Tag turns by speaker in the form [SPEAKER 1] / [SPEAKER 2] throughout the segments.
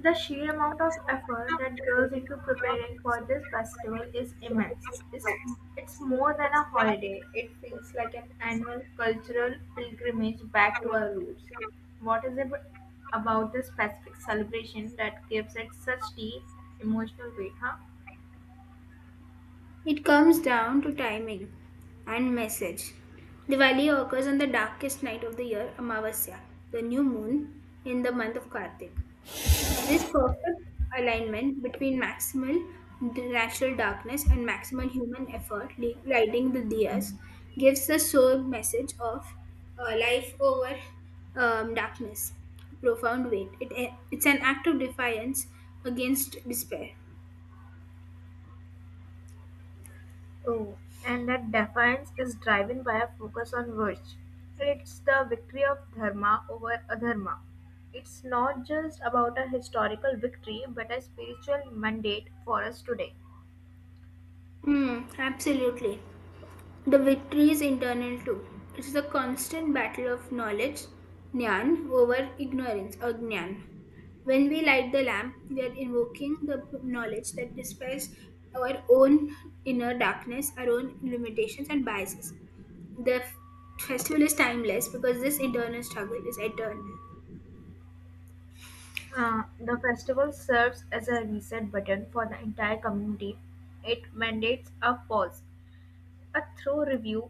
[SPEAKER 1] The sheer amount of effort that goes into preparing for this festival is immense. It's more than a holiday. It feels like an annual cultural pilgrimage back to our roots. What is it about this specific celebration that gives it such deep emotional weight, huh?
[SPEAKER 2] It comes down to timing and message. Diwali occurs on the darkest night of the year, Amavasya, the new moon in the month of Kartik. This perfect alignment between maximal natural darkness and maximal human effort, lighting the diyas, gives the soul message of life over darkness, profound weight. It's an act of defiance against despair.
[SPEAKER 1] Oh, and that defiance is driven by a focus on virtue. It's the victory of dharma over adharma. It's not just about a historical victory but a spiritual mandate for us today.
[SPEAKER 2] Hmm, absolutely. The victory is internal too. It's the constant battle of knowledge, jnana, over ignorance or jnana. When we light the lamp, we are invoking the knowledge that dispels our own inner darkness, our own limitations and biases. The festival is timeless because this internal struggle is eternal.
[SPEAKER 1] The festival serves as a reset button for the entire community. It mandates a pause, a thorough review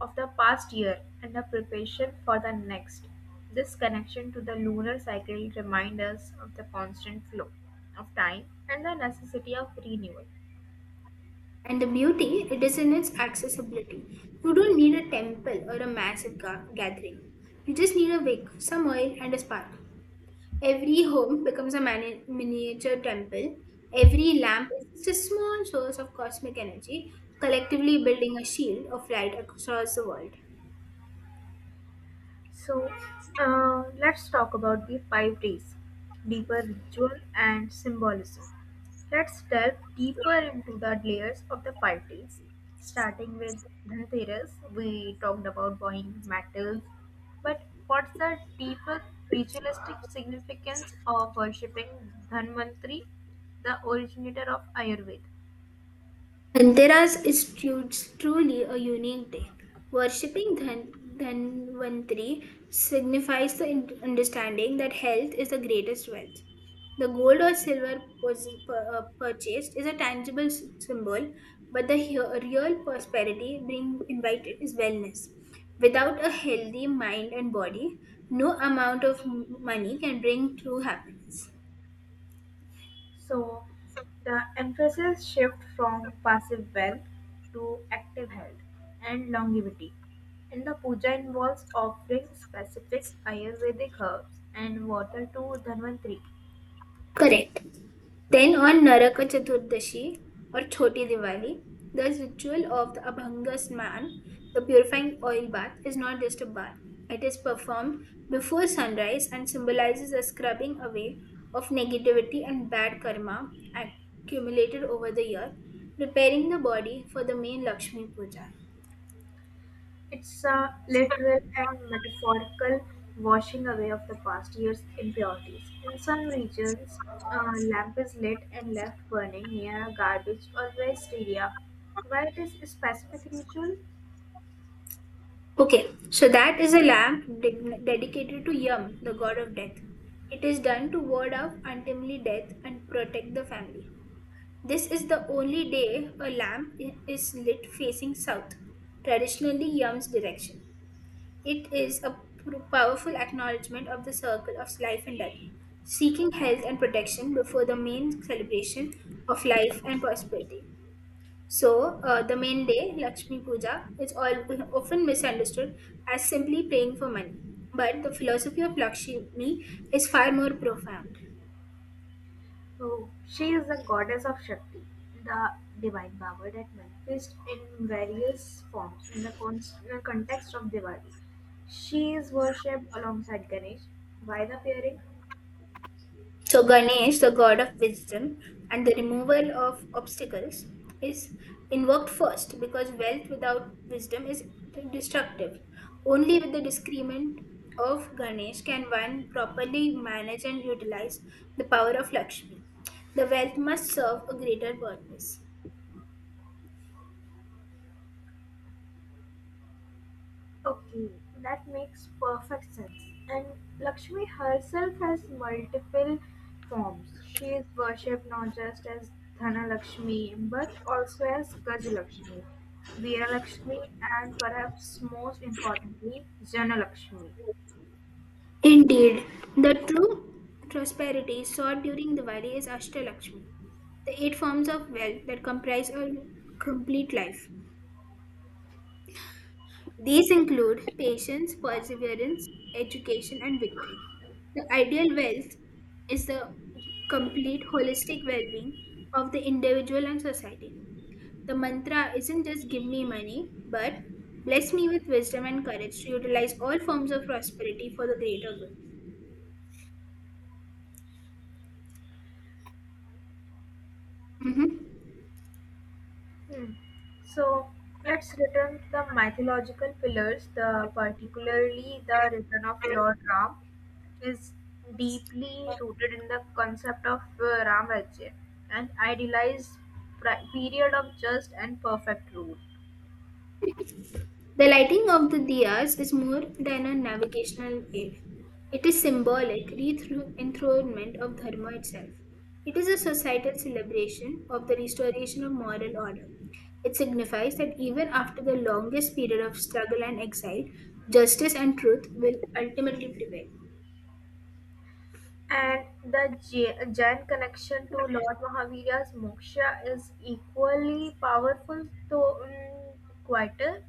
[SPEAKER 1] of the past year and a preparation for the next. This connection to the lunar cycle reminds us of the constant flow of time and the necessity of renewal.
[SPEAKER 2] And the beauty, it is in its accessibility. You don't need a temple or a massive gathering. You just need a wick, some oil, and a spark. Every home becomes a miniature temple. Every lamp is just a small source of cosmic energy, collectively building a shield of light across the world.
[SPEAKER 1] So let's talk about the five days, deeper ritual and symbolism. Let's delve deeper into the layers of the five days. Starting with Dhanteras, we talked about buying metals, but what's the deeper ritualistic significance of worshipping Dhanvantri, the originator of Ayurveda?
[SPEAKER 2] Dhanteras is tru- truly a unique day. Worshipping Dhanvantri signifies the understanding that health is the greatest wealth. The gold or silver purchased is a tangible symbol, but the real prosperity being invited is wellness. Without a healthy mind and body, no amount of money can bring true happiness.
[SPEAKER 1] So the emphasis shift from passive wealth to active health and longevity. And the puja involves offering specific Ayurvedic herbs and water to Dhanvantri.
[SPEAKER 2] Correct. Then on Naraka Chaturdashi or Choti Diwali, the ritual of the Abhanga Snan, the purifying oil bath, is not just a bath. It is performed before sunrise and symbolizes a scrubbing away of negativity and bad karma accumulated over the year, preparing the body for the main Lakshmi Puja.
[SPEAKER 1] It's a literal and metaphorical washing away of the past year's impurities. In some regions, a lamp is lit and left burning near a garbage or waste area. Why this specific ritual?
[SPEAKER 2] Okay, so that is a lamp dedicated to Yam, the god of death. It is done to ward off untimely death and protect the family. This is the only day a lamp is lit facing south, traditionally Yam's direction. It is a powerful acknowledgement of the circle of life and death, seeking health and protection before the main celebration of life and prosperity. So, the main day, Lakshmi Puja, often misunderstood as simply praying for money. But the philosophy of Lakshmi is far more profound.
[SPEAKER 1] So she is the goddess of Shakti, the divine power that manifests in various forms in the context of Diwali. She is worshipped alongside Ganesh. Why the pairing?
[SPEAKER 2] So, Ganesh, the god of wisdom and the removal of obstacles, is invoked first because wealth without wisdom is destructive. Only with the discernment of Ganesh can one properly manage and utilize the power of Lakshmi. The wealth must serve a greater purpose.
[SPEAKER 1] Okay, that makes perfect sense. And Lakshmi herself has multiple forms. She is worshipped not just as Dhana Lakshmi but also as Gaja Lakshmi, Veera Lakshmi, and perhaps most importantly, Jana Lakshmi.
[SPEAKER 2] Indeed, the true prosperity sought during Diwali is Ashtalakshmi, the eight forms of wealth that comprise a complete life. These include patience, perseverance, education, and victory. The ideal wealth is the complete holistic well being of the individual and society. The mantra isn't just give me money, but bless me with wisdom and courage to utilize all forms of prosperity for the greater good. Mhm.
[SPEAKER 1] Hmm. So let's return to the mythological pillars, the particularly the return of Lord Ram is deeply rooted in the concept of Ram Rajya, an idealized period of just and perfect rule.
[SPEAKER 2] The lighting of the diyas is more than a navigational aid. It is symbolic re-enthronement of dharma itself. It is a societal celebration of the restoration of moral order. It signifies that even after the longest period of struggle and exile, justice and truth will ultimately prevail.
[SPEAKER 1] And the Jain connection to Lord Mahavira's moksha is equally powerful, though quieter.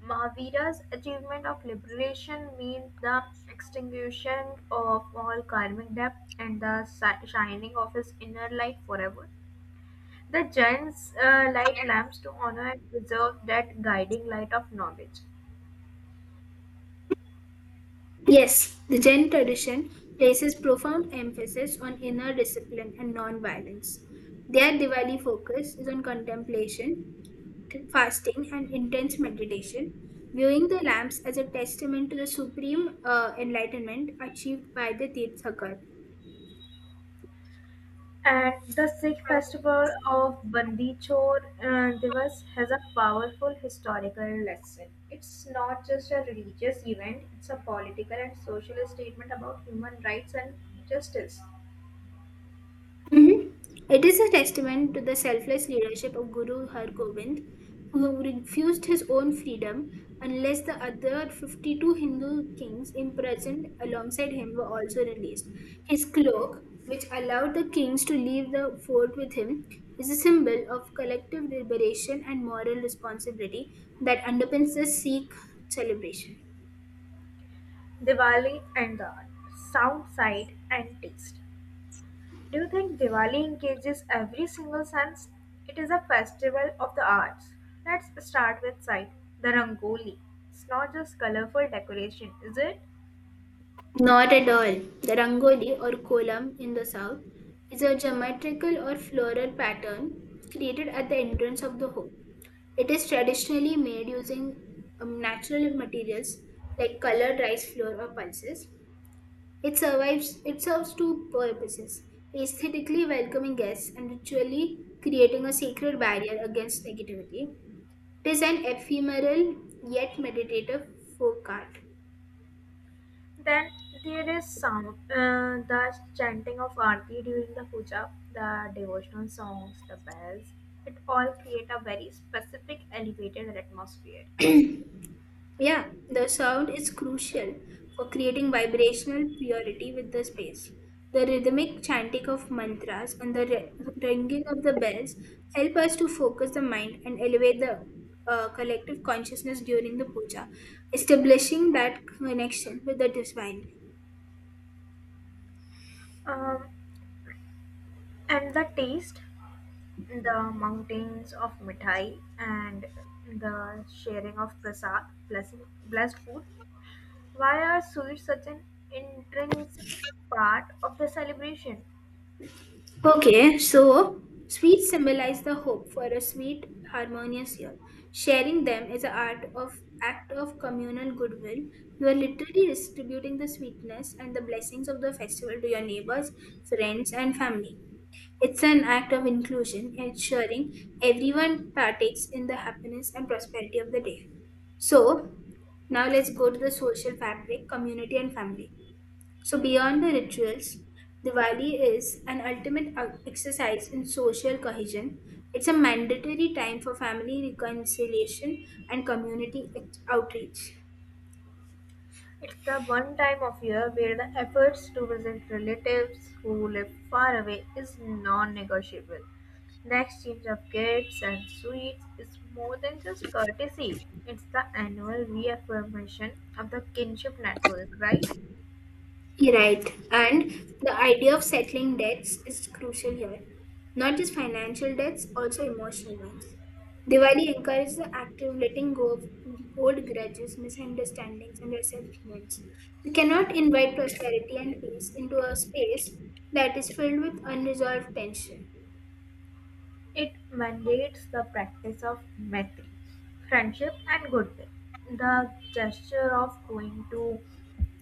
[SPEAKER 1] Mahavira's achievement of liberation means the extinguishing of all karmic debt and the shining of his inner light forever. The Jain's light lamps to honor and preserve that guiding light of knowledge.
[SPEAKER 2] Yes, the Jain tradition places profound emphasis on inner discipline and non violence. Their Diwali focus is on contemplation fasting, and intense meditation, viewing the lamps as a testament to the supreme enlightenment achieved by the Tirthakar.
[SPEAKER 1] And the Sikh festival of Bandi Chor Divas has a powerful historical lesson. It's not just a religious event, it's a political and social statement about human rights and justice.
[SPEAKER 2] Mhm. It is a testament to the selfless leadership of Guru Har Gobind, who refused his own freedom unless the other 52 Hindu kings imprisoned alongside him were also released. His cloak, which allowed the kings to leave the fort with him, is a symbol of collective liberation and moral responsibility that underpins the Sikh celebration.
[SPEAKER 1] Diwali and the art, sound sight and taste. Do you think Diwali engages every single sense? It is a festival of the arts. Let's start with sight, the Rangoli. It's not just colorful decoration, is it?
[SPEAKER 2] Not at all. The rangoli or kolam in the south is a geometrical or floral pattern created at the entrance of the home. It is traditionally made using natural materials like colored rice flour or pulses. It survives. It serves two purposes: aesthetically welcoming guests and ritually creating a sacred barrier against negativity. It is an ephemeral yet meditative folk art.
[SPEAKER 1] Then there is sound, the chanting of Aarti during the puja, the devotional songs, the bells. It all create a very specific elevated atmosphere.
[SPEAKER 2] Yeah, the sound is crucial for creating vibrational purity with the space. The rhythmic chanting of mantras and the ringing of the bells help us to focus the mind and elevate the collective consciousness during the puja, establishing that connection with the divine.
[SPEAKER 1] Um, and the taste, the mountains of mithai and the sharing of prasad, blessing, blessed food. Why are sweets such an intrinsic part of the celebration?
[SPEAKER 2] Okay, so sweets symbolize the hope for a sweet, harmonious year. Sharing them is an art of act of communal goodwill. You are literally distributing the sweetness and the blessings of the festival to your neighbors, friends, and family. It's an act of inclusion, ensuring everyone partakes in the happiness and prosperity of the day. So, now let's go to the social fabric, community, and family. So, beyond the rituals, Diwali is an ultimate exercise in social cohesion. It's a mandatory time for family reconciliation and community outreach.
[SPEAKER 1] It's the one time of year where the efforts to visit relatives who live far away is non-negotiable. The exchange of gifts and sweets is more than just courtesy. It's the annual reaffirmation of the kinship network, right?
[SPEAKER 2] You're Right. And the idea of settling debts is crucial here. Not just financial debts, also emotional ones. Diwali encourages the active letting go of old grudges, misunderstandings, and resentments. We cannot invite prosperity and peace into a space that is filled with unresolved tension.
[SPEAKER 1] It mandates the practice of "maitre", friendship and goodwill, the gesture of going to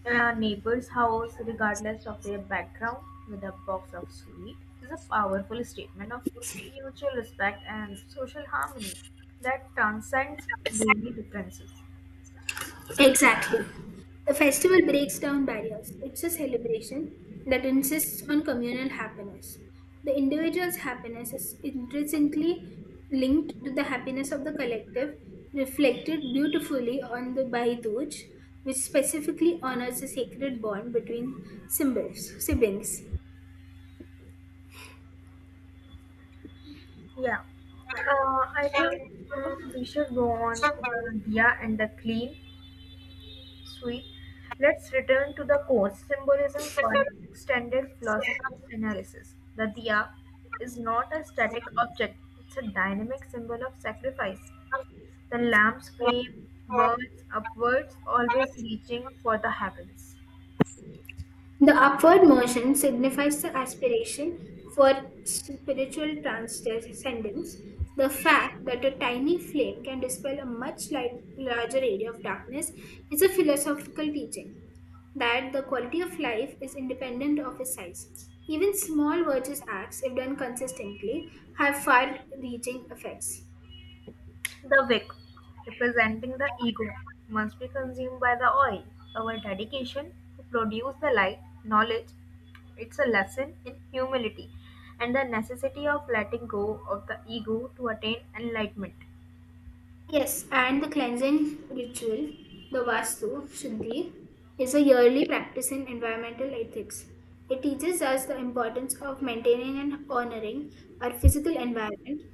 [SPEAKER 1] a neighbor's house, regardless of their background, with a box of sweet, is a powerful statement of mutual respect and social harmony that transcends daily differences.
[SPEAKER 2] Exactly. The festival breaks down barriers. It's a celebration that insists on communal happiness. The individual's happiness is intrinsically linked to the happiness of the collective, reflected beautifully on the Bhai Dooj, which specifically honors the sacred bond between symbols, siblings.
[SPEAKER 1] Yeah, I think we should go on the Dia and the Clean. Sweet. Let's return to the course symbolism for an extended philosophical analysis. The diya is not a static object, it's a dynamic symbol of sacrifice. The lamp's flame burns upwards, always reaching for the heavens.
[SPEAKER 2] The upward motion signifies the aspiration for spiritual transcendence, the fact that a tiny flame can dispel a much larger area of darkness is a philosophical teaching that the quality of life is independent of its size. Even small virtuous acts, if done consistently, have far reaching effects.
[SPEAKER 1] The wick, representing the ego, must be consumed by the oil. Our dedication to produce the light, knowledge, it's a lesson in humility and the necessity of letting go of the ego to attain enlightenment.
[SPEAKER 2] Yes, and the cleansing ritual, the Vastu Shuddhi, is a yearly practice in environmental ethics. It teaches us the importance of maintaining and honoring our physical environment,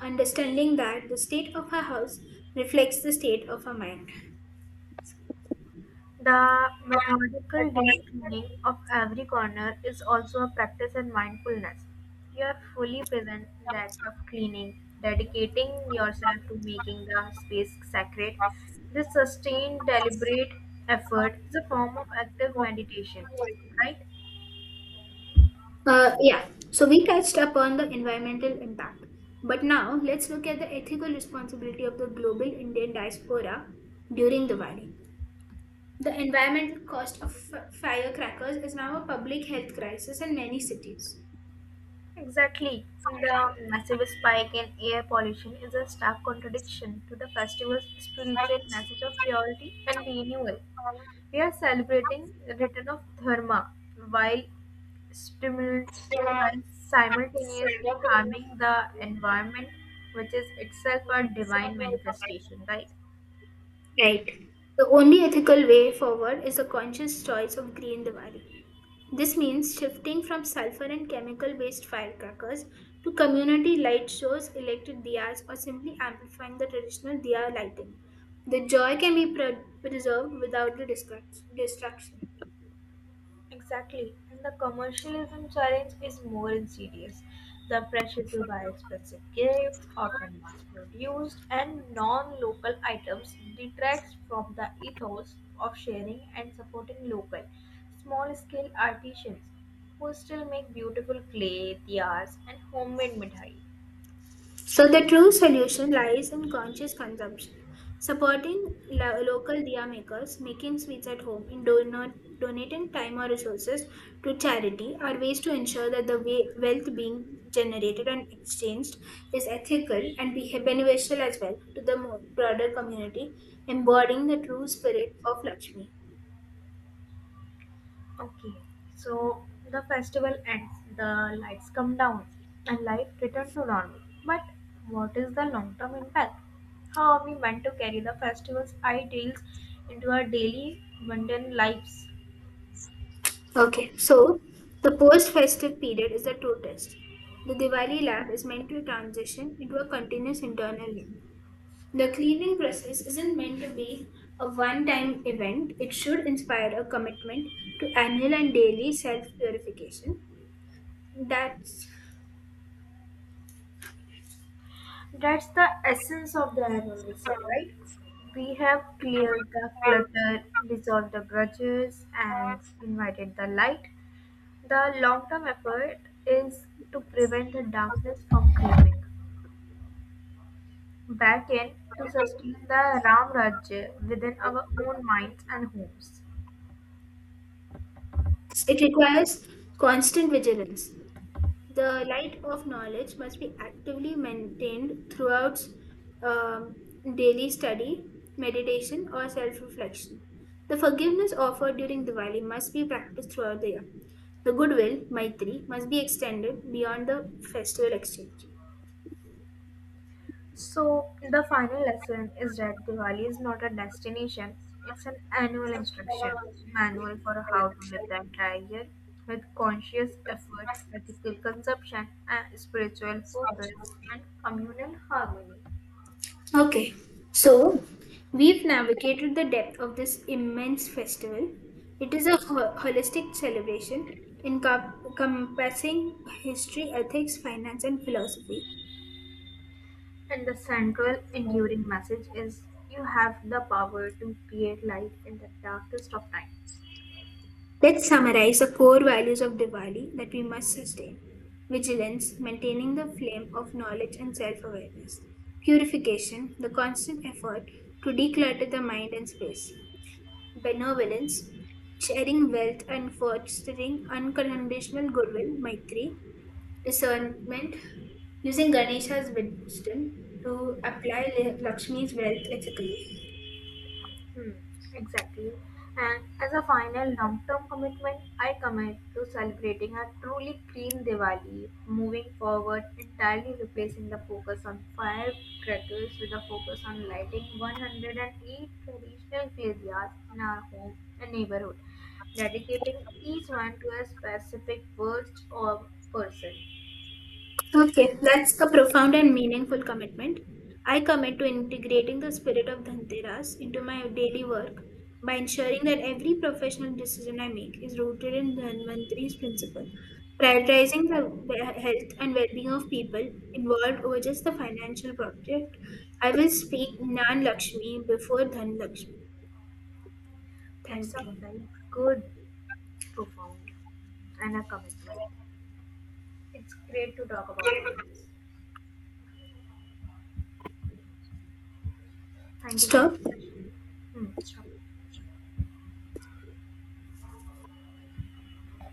[SPEAKER 2] understanding that the state of our house reflects the state of our mind.
[SPEAKER 1] The methodical deep cleaning of every corner is also a practice in mindfulness. You are fully present in the act of cleaning, dedicating yourself to making the space sacred. This sustained, deliberate effort is a form of active meditation, right?
[SPEAKER 2] Yeah, so we touched upon the environmental impact, but now let's look at the ethical responsibility of the global Indian diaspora during Diwali. The environmental cost of firecrackers is now a public health crisis in many cities.
[SPEAKER 1] Exactly. The massive spike in air pollution is a stark contradiction to the festival's spiritual message of purity and renewal. We are celebrating the return of Dharma while, stimul- while simultaneously harming the environment, which is itself a divine manifestation, right?
[SPEAKER 2] Right. The only ethical way forward is a conscious choice of Green Diwali. This means shifting from sulfur and chemical based firecrackers to community light shows, electric diyas, or simply amplifying the traditional diya lighting. The joy can be preserved without the distraction.
[SPEAKER 1] Exactly, and the commercialism challenge is more insidious. The pressure to buy expensive gifts, often mass produced, and non local items detracts from the ethos of sharing and supporting local, small scale artisans who still make beautiful clay, tiaras, and homemade mithai.
[SPEAKER 2] So the true solution lies in conscious consumption, supporting local diya makers, making sweets at home, and donating time or resources to charity are ways to ensure that the wealth being generated and exchanged is ethical and be beneficial as well to the broader community, embodying the true spirit of Lakshmi.
[SPEAKER 1] Okay, so the festival ends, the lights come down, and life returns to normal. But what is the long term impact? How are we meant to carry the festival's ideals into our daily mundane lives?
[SPEAKER 2] Okay, so the post-festive period is the true test. The Diwali lab is meant to transition into a continuous internal lab. The cleaning process isn't meant to be a one time event, it should inspire a commitment to annual and daily self purification. That's
[SPEAKER 1] That's the essence of the annual reset, right? We have cleared the clutter, dissolved the grudges, and invited the light. The long term effort is to prevent the darkness from creeping back-in to sustain the Ram Rajya within our own minds and homes.
[SPEAKER 2] It requires constant vigilance. The light of knowledge must be actively maintained throughout um, daily study, meditation, or self reflection. The forgiveness offered during Diwali must be practiced throughout the year. The goodwill, Maitri, must be extended beyond the festival exchange.
[SPEAKER 1] So, the final lesson is that Diwali is not a destination, it's an annual instruction manual for how to live the entire year with conscious effort, ethical consumption, and spiritual focus and communal harmony.
[SPEAKER 2] Okay, so we've navigated the depth of this immense festival. It is a holistic celebration encompassing history, ethics, finance, and philosophy.
[SPEAKER 1] And the central enduring message is you have the power to create light in the darkest of times.
[SPEAKER 2] Let's summarize the core values of Diwali that we must sustain vigilance, maintaining the flame of knowledge and self awareness, purification, the constant effort to declutter the mind and space, Benevolence, sharing wealth and fostering unconditional goodwill, Maitri, discernment, using Ganesha's wisdom to apply Lakshmi's wealth ethically.
[SPEAKER 1] Hmm, exactly. And as a final long term commitment, I commit to celebrating a truly clean Diwali, moving forward, entirely replacing the focus on firecrackers with a focus on lighting 108 traditional fairyas in our home and neighborhood, dedicating each one to a specific words or person.
[SPEAKER 2] Okay, that's a profound and meaningful commitment. I commit to integrating the spirit of Dhanteras into my daily work by ensuring that every professional decision I make is rooted in Dhanvantri's principle, prioritizing the health and well-being of people involved over just the financial project. I will speak Nan Lakshmi before Dhan Lakshmi.
[SPEAKER 1] That's
[SPEAKER 2] Thank
[SPEAKER 1] a
[SPEAKER 2] you.
[SPEAKER 1] very good, profound, and a commitment. It's great to talk about all this. Thank you so
[SPEAKER 2] Stop.
[SPEAKER 1] much. Hmm, stop.